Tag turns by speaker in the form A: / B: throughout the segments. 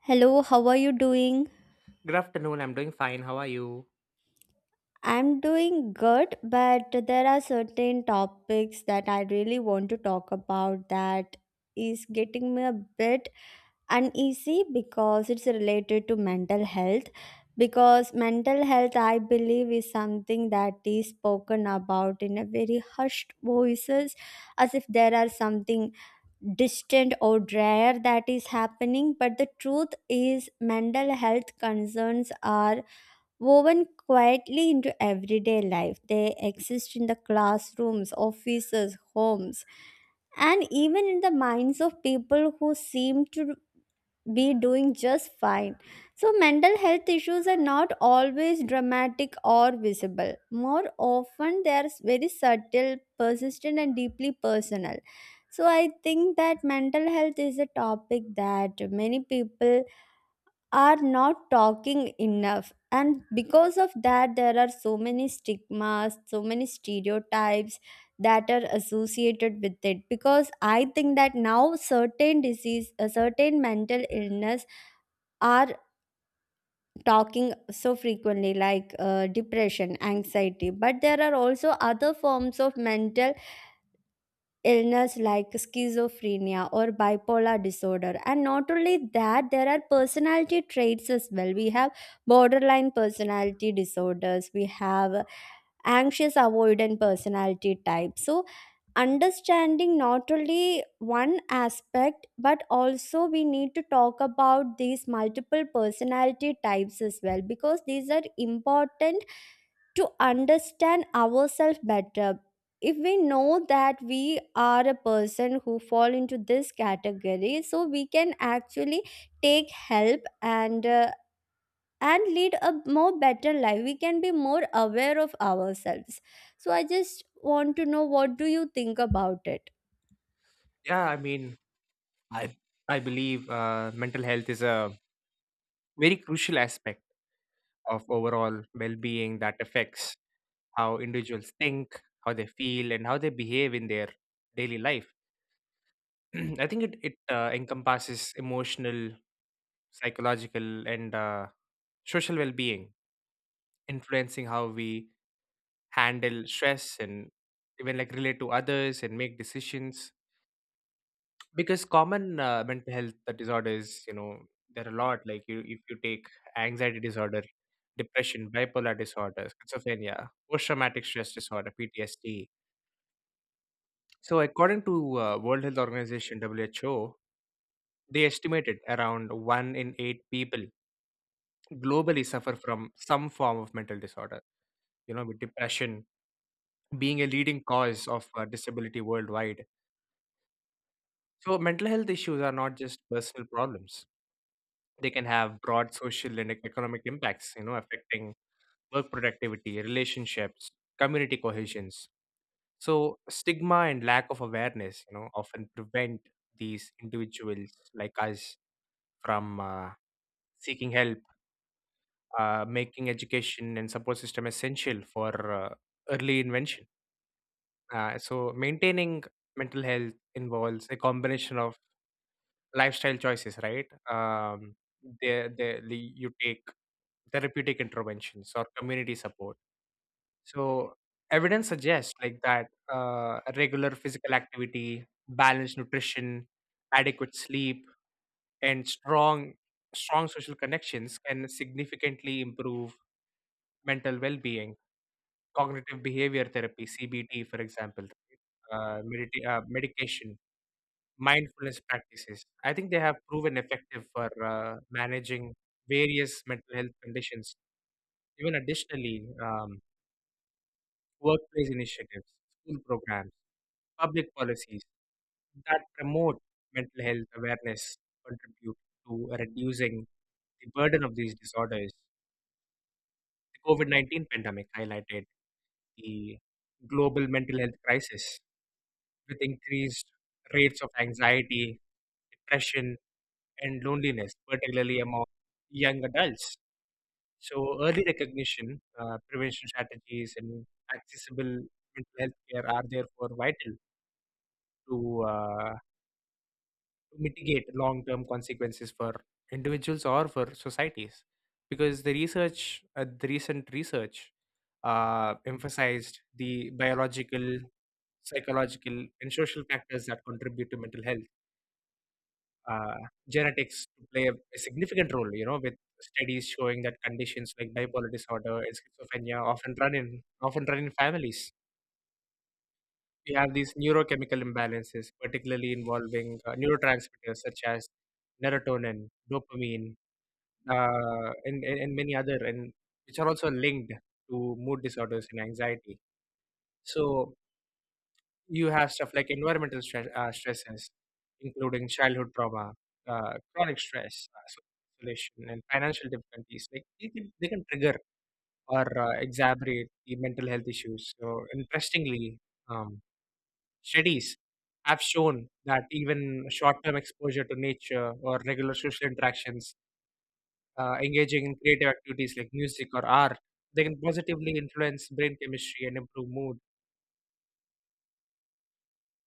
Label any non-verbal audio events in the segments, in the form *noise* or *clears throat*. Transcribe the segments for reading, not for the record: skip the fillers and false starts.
A: Hello, how are you doing?
B: Good afternoon. I'm doing fine. How are you?
A: I'm doing good, but there are certain topics that I really want to talk about that is getting me a bit uneasy because it's related to mental health. Because mental health, I believe, is something that is spoken about in a very hushed voices, as if there are something distant or rare that is happening. But the truth is, mental health concerns are woven quietly into everyday life. They exist in the classrooms, offices, homes, and even in the minds of people who seem to be doing just fine. So, mental health issues are not always dramatic or visible. More often, they are very subtle, persistent, and deeply personal. So, I think that mental health is a topic that many people are not talking enough, and because of that there are so many stigmas, so many stereotypes that are associated with it, because I think that now certain disease, certain mental illness are talking so frequently, like depression, anxiety, but there are also other forms of mental illness like schizophrenia or bipolar disorder. And not only that, there are personality traits as well. We have borderline personality disorders, we have anxious avoidant personality type. So understanding not only one aspect, but also we need to talk about these multiple personality types as well, because these are important to understand ourselves better. If we know that we are a person who fall into this category, so we can actually take help and lead a more better life. We can be more aware of ourselves. So I just want to know, what do you think about it?
B: Yeah, I mean, I I believe mental health is a very crucial aspect of overall well-being that affects how individuals think, how they feel, and how they behave in their daily life. *clears throat* I think it encompasses emotional, psychological, and social well-being, influencing how we handle stress and even like relate to others and make decisions. Because common mental health disorders, there are a lot. Like you, if you take anxiety disorder, depression, bipolar disorder, schizophrenia, post-traumatic stress disorder (PTSD). So, according to World Health Organization (WHO), they estimated around one in eight people globally suffer from some form of mental disorder. With depression being a leading cause of disability worldwide. So, mental health issues are not just personal problems; they can have broad social and economic impacts, affecting work productivity, relationships, community cohesions. So stigma and lack of awareness, often prevent these individuals like us from seeking help, making education and support system essential for early invention. So maintaining mental health involves a combination of lifestyle choices, right? You take therapeutic interventions or community support. So evidence suggests like that regular physical activity, balanced nutrition, adequate sleep, and strong social connections can significantly improve mental well-being. Cognitive behavior therapy (CBT), for example, medication, mindfulness practices. I think they have proven effective for managing various mental health conditions. Even additionally, workplace initiatives, school programs, public policies that promote mental health awareness contribute to reducing the burden of these disorders. The COVID 19 pandemic highlighted the global mental health crisis with increased rates of anxiety, depression, and loneliness, particularly among young adults. So, early recognition, prevention strategies, and accessible mental health care are therefore vital to mitigate long-term consequences for individuals or for societies, because the recent research emphasized the biological, psychological, and social factors that contribute to mental health. uh, Genetics play a significant role, you know, with studies showing that conditions like bipolar disorder and schizophrenia often run in families. We have these neurochemical imbalances, particularly involving neurotransmitters such as serotonin, dopamine, and many other, and which are also linked to mood disorders and anxiety. So you have stuff like stresses, including childhood trauma, chronic stress, isolation, and financial difficulties. Like they can trigger or exacerbate the mental health issues. So interestingly, um, studies have shown that even short-term exposure to nature or regular social interactions, engaging in creative activities like music or art, they can positively influence brain chemistry and improve mood.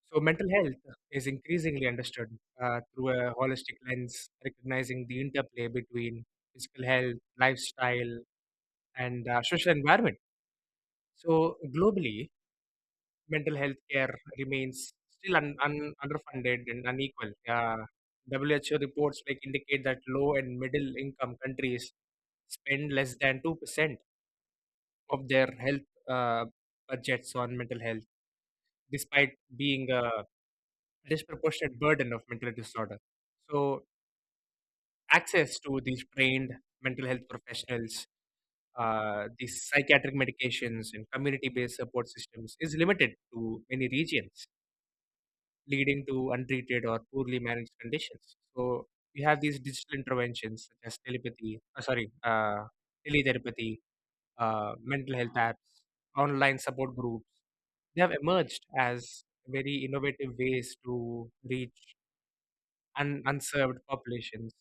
B: So, mental health is increasingly understood through a holistic lens, recognizing the interplay between physical health, lifestyle, and social environment. So, globally, mental health care remains still underfunded and unequal. WHO reports like indicate that low and middle income countries spend less than 2% of their health budgets on mental health, despite being a disproportionate burden of mental disorder. So, access to these trained mental health professionals, these psychiatric medications, and community based support systems is limited to many regions, leading to untreated or poorly managed conditions. So, we have these digital interventions such as teletherapy, mental health apps, online support groups. They have emerged as very innovative ways to reach unserved populations,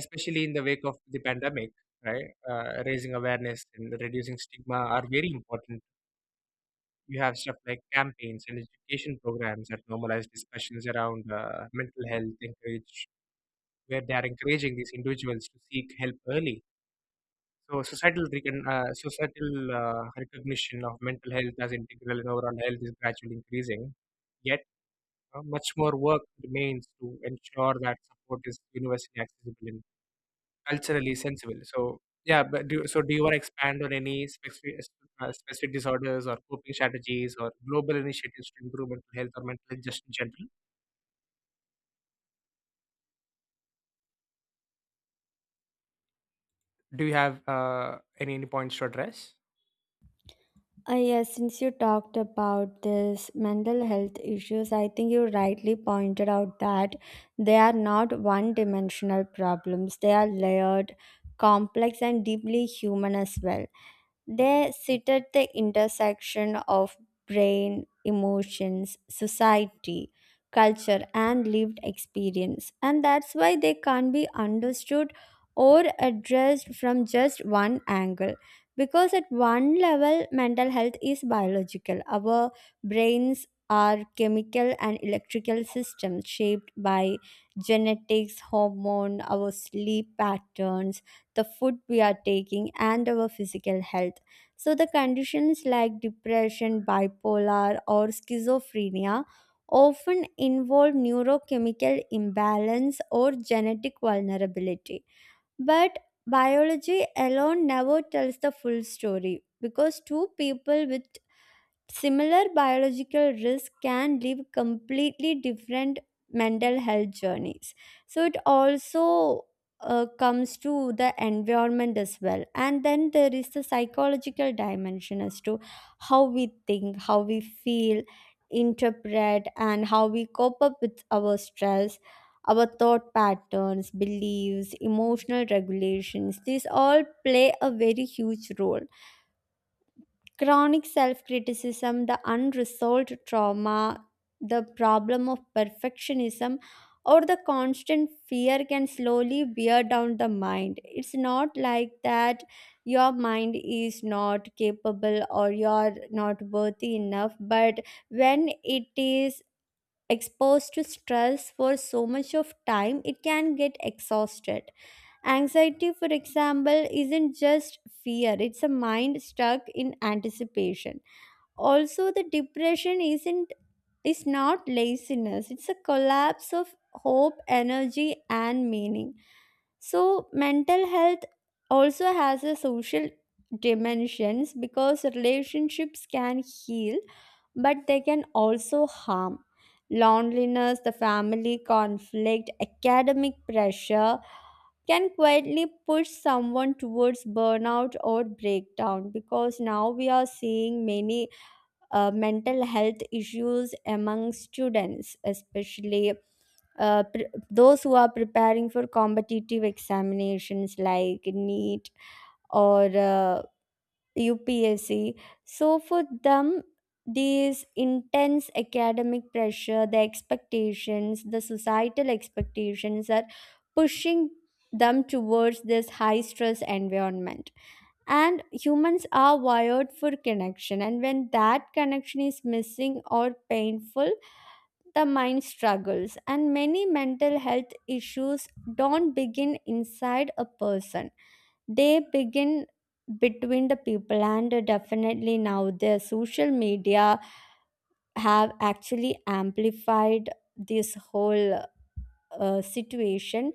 B: especially in the wake of the pandemic. Right, raising awareness and reducing stigma are very important. You have stuff like campaigns and education programs that normalize discussions around mental health, encourage where they are encouraging these individuals to seek help early. So societal recognition of mental health as integral in overall health is gradually increasing. Yet much more work remains to ensure that support is universally accessible and culturally sensible. So, yeah, but do you want to expand on any specific disorders or coping strategies or global initiatives to improve mental health or mental health just in general? Do you have any points to address?
A: Yes, since you talked about this mental health issues, I think you rightly pointed out that they are not one dimensional problems. They are layered, complex, and deeply human as well. They sit at the intersection of brain, emotions, society, culture, and lived experience. And that's why they can't be understood or addressed from just one angle. Because at one level, mental health is biological. Our brains are chemical and electrical systems shaped by genetics, hormone, our sleep patterns, the food we are taking, and our physical health. So, the conditions like depression, bipolar, or schizophrenia often involve neurochemical imbalance or genetic vulnerability. But biology alone never tells the full story, because two people with similar biological risks can leave completely different mental health journeys. So it also comes to the environment as well. And then there is the psychological dimension as to how we think, how we feel, interpret, and how we cope up with our stress. Our thought patterns, beliefs, emotional regulations, these all play a very huge role. Chronic self criticism, the unresolved trauma, the problem of perfectionism, or the constant fear can slowly wear down the mind. It's not like that your mind is not capable or you're not worthy enough, but when it is exposed to stress for so much of time, it can get exhausted. Anxiety, for example, isn't just fear, it's a mind stuck in anticipation. Also, the depression isn't is not laziness, it's a collapse of hope, energy, and meaning. So, mental health also has a social dimensions, because relationships can heal, but they can also harm. Loneliness, the family conflict, academic pressure, can quietly push someone towards burnout or breakdown, because now we are seeing many mental health issues among students, especially those who are preparing for competitive examinations like NEET or UPSC. So for them, these intense academic pressure, the expectations, the societal expectations are pushing them towards this high stress environment. And humans are wired for connection, and when that connection is missing or painful, the mind struggles, and many mental health issues don't begin inside a person, they begin between the people. And definitely now the social media have actually amplified this whole situation.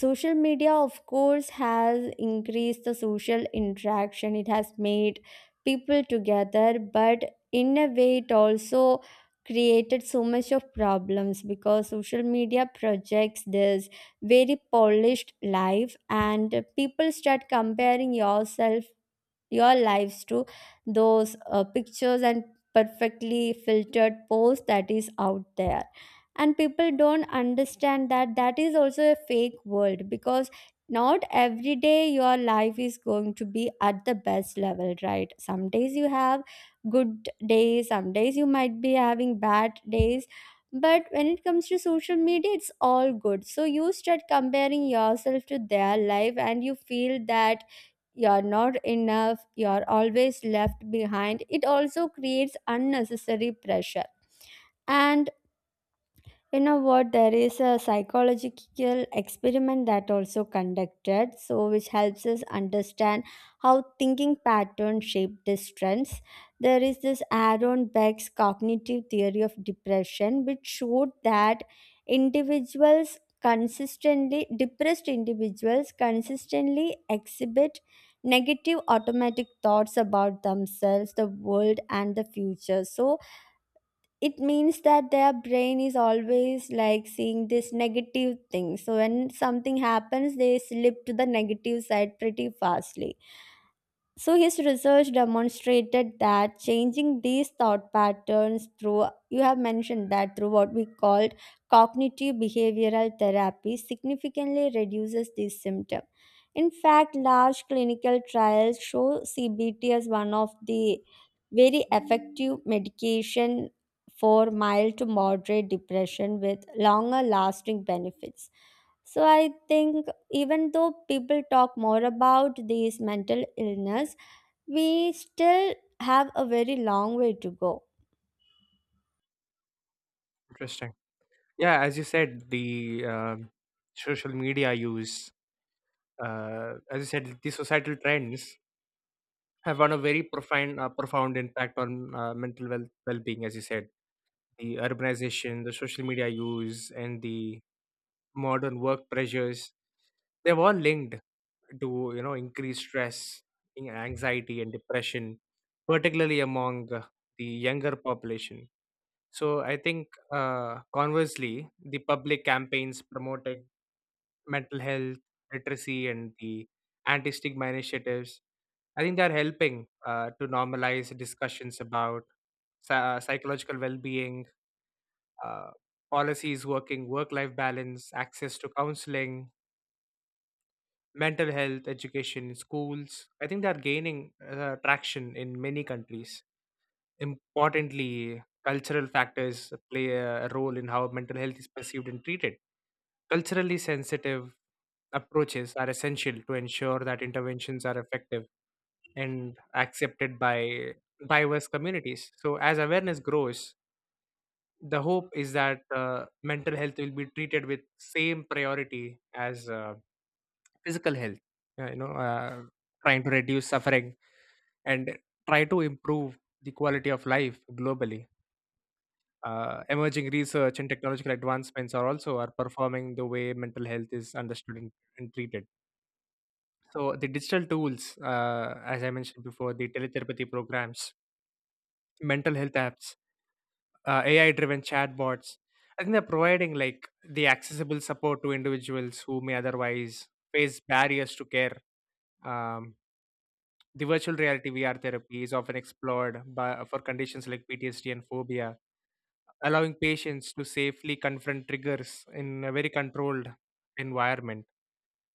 A: Social media of course has increased the social interaction, it has made people together, but in a way it also created so much of problems, because social media projects this very polished life, and people start comparing yourself, your lives to those pictures and perfectly filtered posts that is out there. And people don't understand that that is also a fake world, because not every day your life is going to be at the best level, right? Some days you have good days, some days you might be having bad days, but when it comes to social media it's all good. So you start comparing yourself to their life, and you feel that you're not enough, you're always left behind. It also creates unnecessary pressure. And you know what? There is a psychological experiment that also conducted, so which helps us understand how thinking patterns shape these trends. There is this Aaron Beck's cognitive theory of depression, which showed that individuals consistently depressed individuals consistently exhibit negative automatic thoughts about themselves, the world, and the future. So it means that their brain is always like seeing this negative thing, so when something happens they slip to the negative side pretty fastly. So his research demonstrated that changing these thought patterns, through, you have mentioned that, through what we called cognitive behavioral therapy, significantly reduces this symptom. In fact, large clinical trials show CBT as one of the very effective medication for mild to moderate depression, with longer lasting benefits. So I think even though people talk more about these mental illness, we still have a very long way to go.
B: Interesting. Yeah, as you said, the social media use, the societal trends have had a very profound impact on mental well being. As you said, the urbanization, the social media use, and the modern work pressures, they've all linked to, you know, increased stress, anxiety, and depression, particularly among the younger population. So I think conversely, the public campaigns promoted mental health literacy and the anti-stigma initiatives. I think they are helping to normalize discussions about psychological well-being. uh, Policies working work life balance, access to counseling, mental health, education, schools. I think they are gaining traction in many countries. Importantly, cultural factors play a role in how mental health is perceived and treated. Culturally sensitive approaches are essential to ensure that interventions are effective and accepted by diverse communities. So, as awareness grows, the hope is that mental health will be treated with same priority as physical health, uh, you know uh, trying to reduce suffering and try to improve the quality of life globally. Emerging research and technological advancements are also are performing the way mental health is understood and treated. So the digital tools, as I mentioned before, the teletherapy programs, mental health apps, AI driven chatbots. I think they're providing like the accessible support to individuals who may otherwise face barriers to care. Um, the virtual reality VR therapy is often explored for conditions like PTSD and phobia, allowing patients to safely confront triggers in a very controlled environment.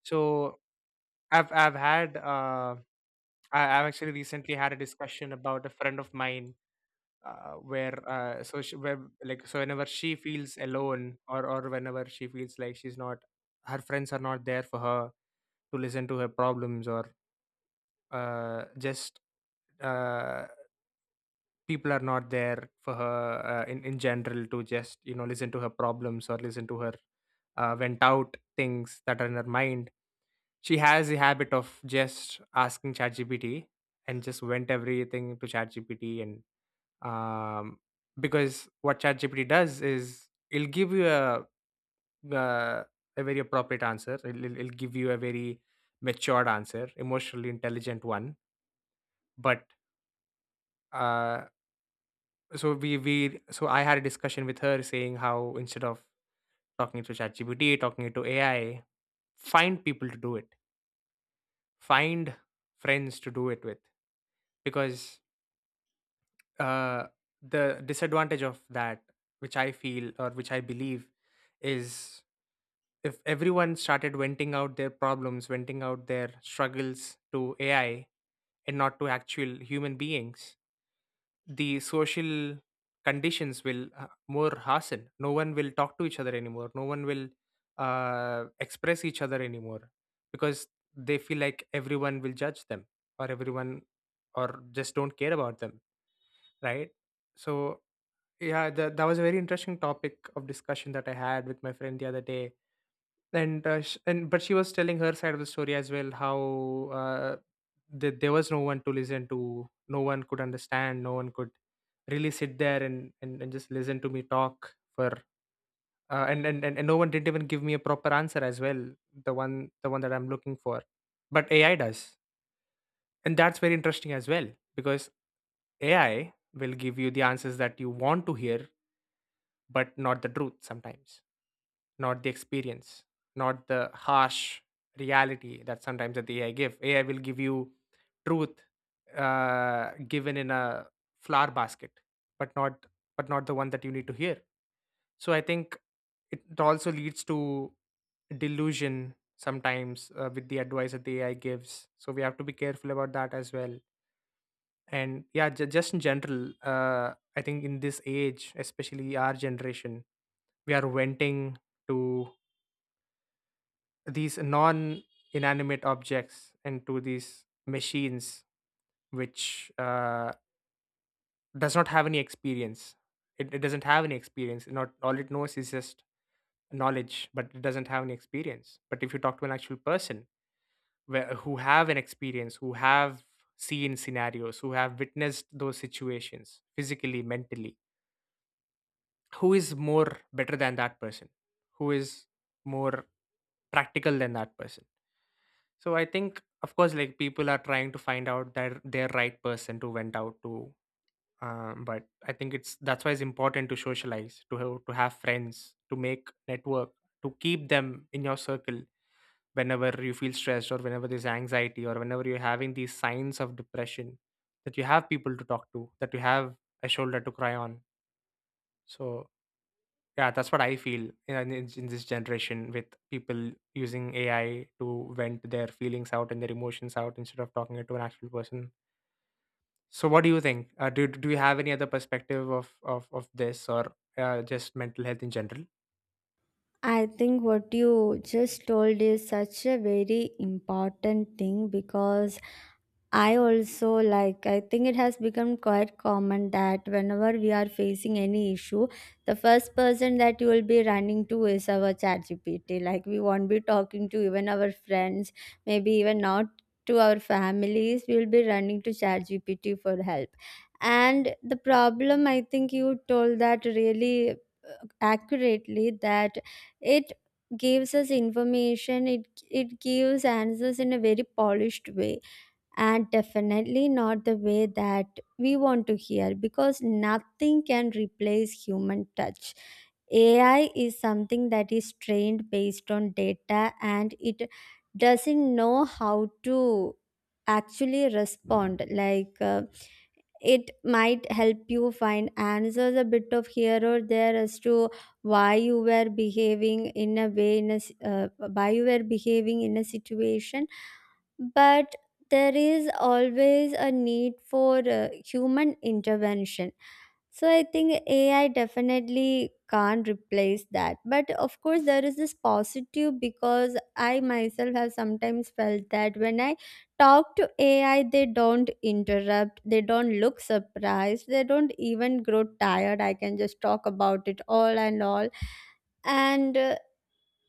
B: So I've I've had uh, I've actually recently had a discussion about a friend of mine, where like so whenever she feels alone, or whenever she feels like she's not her friends are not there for her to listen to her problems, or just uh, people are not there for her in general to just, you know, listen to her problems or listen to her vent out things that are in her mind. She has a habit of just asking ChatGPT and just vent everything to ChatGPT. And um, because what ChatGPT does is it'll give you uh, a very appropriate answer. It'll give you a very matured answer, emotionally intelligent one. But uh, so we so I had a discussion with her saying how instead of talking to ChatGPT, talking to AI, find people to do it, find friends to do it with, because uh, the disadvantage of that, which I feel or which I believe, is if everyone started venting out their problems, venting out their struggles to AI and not to actual human beings, the social conditions will more hasten. No one will talk to each other anymore. No one will express each other anymore, because they feel like everyone will judge them, or everyone or just don't care about them, right? So yeah, that was a very interesting topic of discussion that I had with my friend the other day. And but she was telling her side of the story as well, how uh, that there was no one to listen to, no one could understand, no one could really sit there and and just listen to me talk for and no one didn't even give me a proper answer as well, the one that I'm looking for. But AI does, and that's very interesting as well, because AI will give you the answers that you want to hear but not the truth sometimes, not the experience, not the harsh reality that sometimes that the AI give. AI will give you truth given in a flower basket, but not the one that you need to hear. So I think it also leads to delusion sometimes with the advice that the AI gives. So we have to be careful about that as well. And yeah, just in general, I think in this age, especially our generation, we are venting to these non inanimate objects into these machines, which does not have any experience. It it doesn't have any experience, not all it knows is just knowledge, but it doesn't have any experience. But if you talk to an actual person where, who have an experience, who have seen scenarios, who have witnessed those situations physically, mentally, who is more better than that person, who is more practical than that person? So I think, of course, like people are trying to find out their right person to vent out to. But I think it's that's why it's important to socialize, to have friends, to make network, to keep them in your circle whenever you feel stressed or whenever there's anxiety or whenever you're having these signs of depression. That you have people to talk to, that you have a shoulder to cry on. So yeah, that's what I feel in this generation with people using AI to vent their feelings out and their emotions out instead of talking it to an actual person. So, what do you think? Do you have any other perspective of this or just mental health in general?
A: I think what you just told is such a very important thing, because I also like, I think it has become quite common that whenever we are facing any issue, the first person that you will be running to is our chat GPT. Like, we won't be talking to even our friends, maybe even not to our families. We will be running to chat GPT for help. And the problem, I think you told that really accurately, that it gives us information, it gives answers in a very polished way, and definitely not the way that we want to hear, because nothing can replace human touch. AI is something that is trained based on data, and it doesn't know how to actually respond. Like it might help you find answers a bit of here or there as to why you were behaving in a way, in a why you were behaving in a situation, but there is always a need for human intervention. So I think AI definitely can't replace that. But of course, there is this positive, because I myself have sometimes felt that when I talk to AI, they don't interrupt, they don't look surprised, they don't even grow tired. I can just talk about it all. And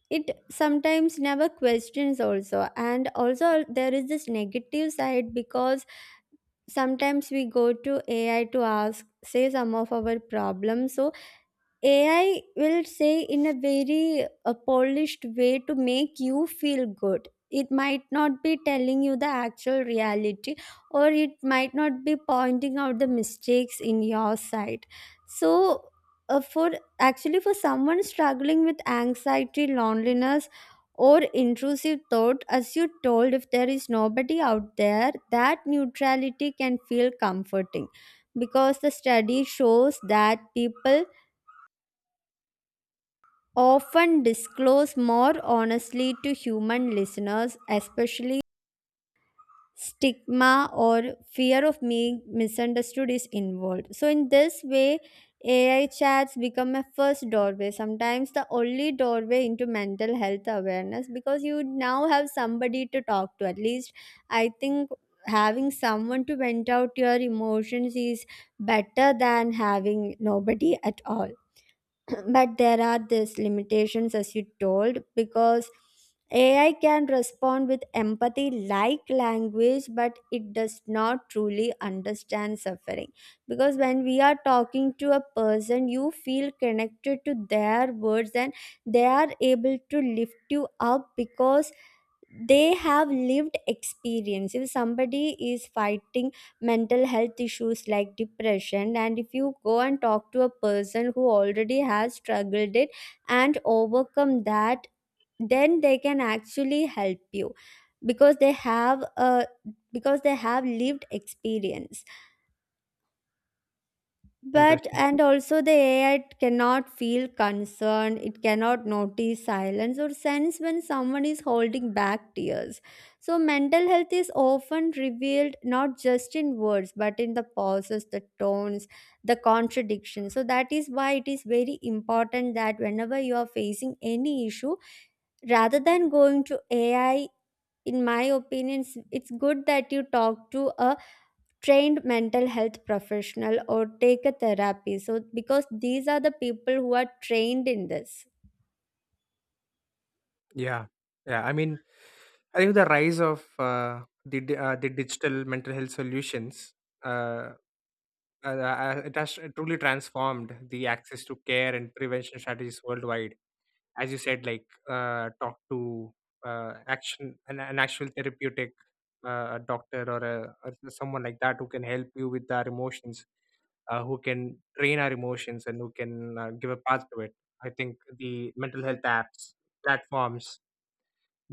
A: it sometimes never questions also. And also there is this negative side, because sometimes we go to AI to ask, say, some of our problems. So AI will say in a very polished way to make you feel good. It might not be telling you the actual reality, or it might not be pointing out the mistakes in your side. So, uh, for for someone struggling with anxiety, loneliness, or intrusive thought, as you told, if there is nobody out there, that neutrality can feel comforting, because the study shows that people often disclose more honestly to human listeners, especially stigma or fear of being misunderstood is involved. So, in this way, AI chats become a first doorway, sometimes the only doorway into mental health awareness, because you now have somebody to talk to. At least, I think having someone to vent out your emotions is better than having nobody at all. *clears throat* But there are these limitations, as you told, because AI can respond with empathy like language, but it does not truly understand suffering. Because when we are talking to a person, you feel connected to their words, and they are able to lift you up because they have lived experience. If somebody is fighting mental health issues like depression, and if you go and talk to a person who already has struggled it and overcome that, then they can actually help you because they have a, because they have lived experience. But,
B: Interesting.
A: and also, the AI cannot feel concern, it cannot notice silence or sense when someone is holding back tears. So mental health is often revealed not just in words, but in the pauses, the tones, the contradictions. So that is why it is very important that whenever you are facing any issue, rather than going to AI, in my opinion it's good that you talk to a trained mental health professional or take a therapy. So because these are the people who are trained in this.
B: Yeah, yeah. I mean, I think the rise of the digital mental health solutions. Uh, it has truly transformed the access to care and prevention strategies worldwide as you said, like talk to an actual therapeutic doctor or someone like that who can help you with our emotions, who can train our emotions and who can give a path to it. I think the mental health apps, platforms,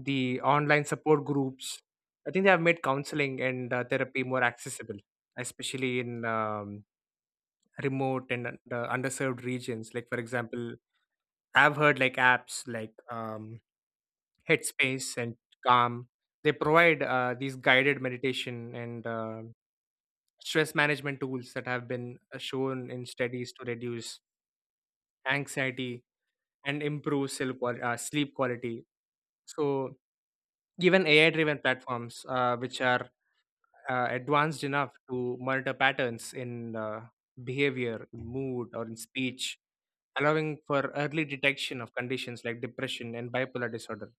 B: the online support groups, I think they have made counseling and therapy more accessible, especially in remote and underserved regions. Like for example, I've heard like apps like Headspace and Calm. They provide these guided meditation and stress management tools that have been shown in studies to reduce anxiety and improve sleep quality. So, even AI driven platforms, which are advanced enough to monitor patterns in behavior, in mood, or in speech, allowing for early detection of conditions like depression and bipolar disorder.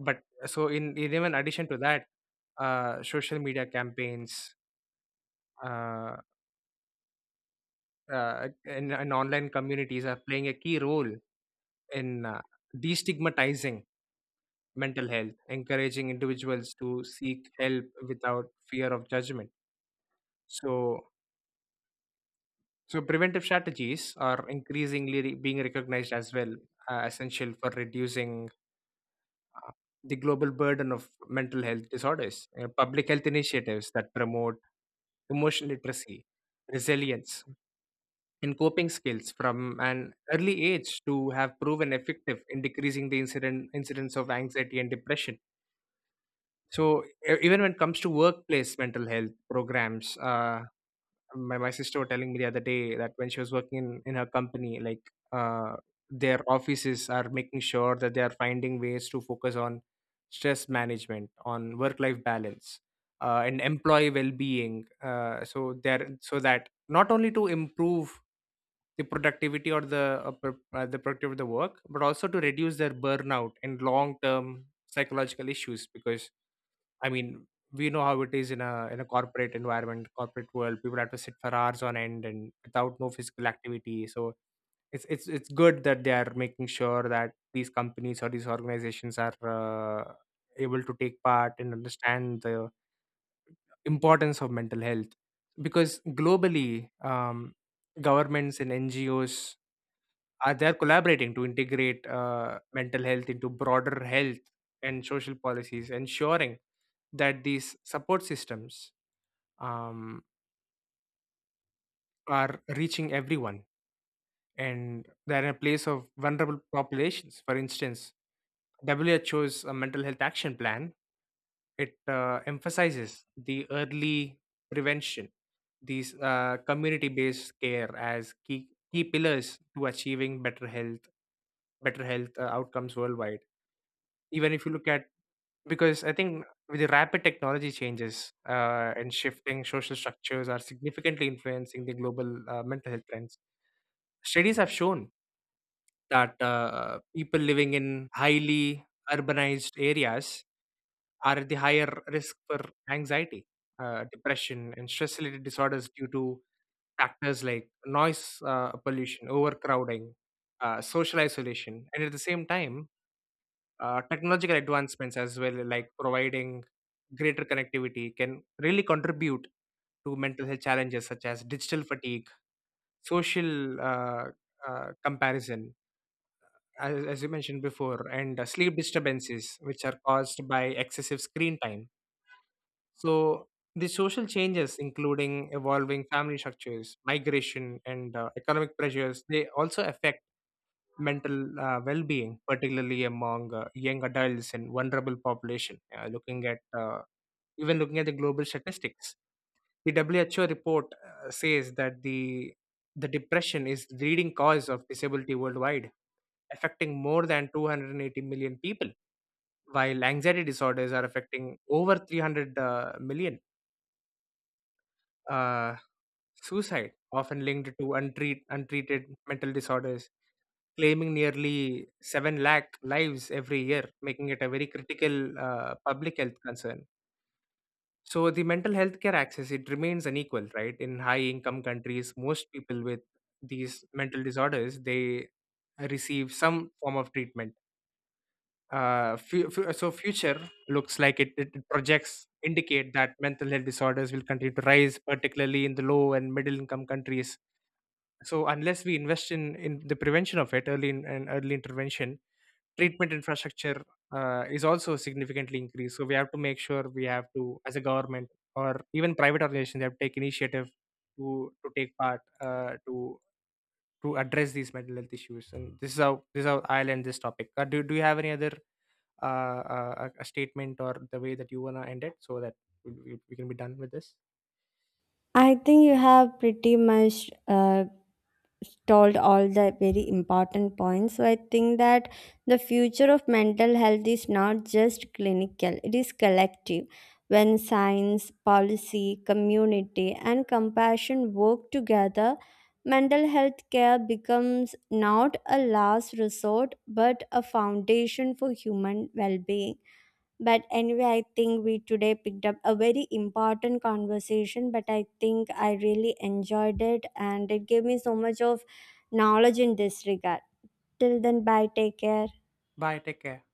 B: But so in even addition to that, social media campaigns uh, and online communities are playing a key role in destigmatizing mental health, encouraging individuals to seek help without fear of judgment. So, so preventive strategies are increasingly being recognized as well, essential for reducing uh, the global burden of mental health disorders. You know, public health initiatives that promote emotional literacy, resilience, and coping skills from an early age to have proven effective in decreasing the incidence of anxiety and depression. So, even when it comes to workplace mental health programs, my sister was telling me the other day that when she was working in her company, like uh, their offices are making sure that they are finding ways to focus on stress management, on work life balance and employee well-being, so that not only to improve the productivity or the the productivity of the work, but also to reduce their burnout and long term psychological issues. Because I mean, we know how it is in a corporate environment, corporate world. People have to sit for hours on end and without no physical activity. So it's good that they are making sure that these companies or these organizations are able to take part and understand the importance of mental health, because globally governments and ngos are, they're collaborating to integrate mental health into broader health and social policies, ensuring that these support systems um, are reaching everyone and they're in a place of vulnerable populations. For instance, WHO's mental health action plan, it emphasizes the early prevention, these community-based care as key pillars to achieving better health outcomes worldwide. Even if you look at, because I think with the rapid technology changes and shifting social structures are significantly influencing the global mental health trends. Studies have shown that people living in highly urbanized areas are at the higher risk for anxiety, depression, and stress related disorders due to factors like noise pollution, overcrowding, social isolation. And at the same time, technological advancements as well, like providing greater connectivity, can really contribute to mental health challenges such as digital fatigue, social comparison, as you mentioned before, and sleep disturbances, which are caused by excessive screen time. So, the social changes, including evolving family structures, migration, and economic pressures, they also affect mental well-being, particularly among young adults and vulnerable population. Looking at even looking at the global statistics, the WHO report says that the depression is the leading cause of disability worldwide, affecting more than 280 million people, while anxiety disorders are affecting over 300 million. Uh, suicide, often linked to untreated mental disorders, claiming nearly 7 lakh lives every year, making it a very critical public health concern. So the mental health care access, it remains unequal, right? In high income countries, most people with these mental disorders, they receive some form of treatment. So future looks like it it projects indicate that mental health disorders will continue to rise, particularly in the low and middle income countries. So unless we invest in the prevention of it early and early intervention, treatment infrastructure is also significantly increased. So we have to make sure, we have to, as a government or even private organizations, they have to take initiative to take part to address these mental health issues. And this is how I'll end this topic. Do you have any other a statement or the way that you wanna end it so that we can be done with this?
A: I think you have pretty much told all the very important points. So I think that the future of mental health is not just clinical, it is collective. When science, policy, community, and compassion work together, mental health care becomes not a last resort but a foundation for human well being. But anyway, I think we today picked up a very important conversation, but I think I really enjoyed it, and it gave me so much of knowledge in this regard. Till then, bye, take care.
B: Bye. Take care.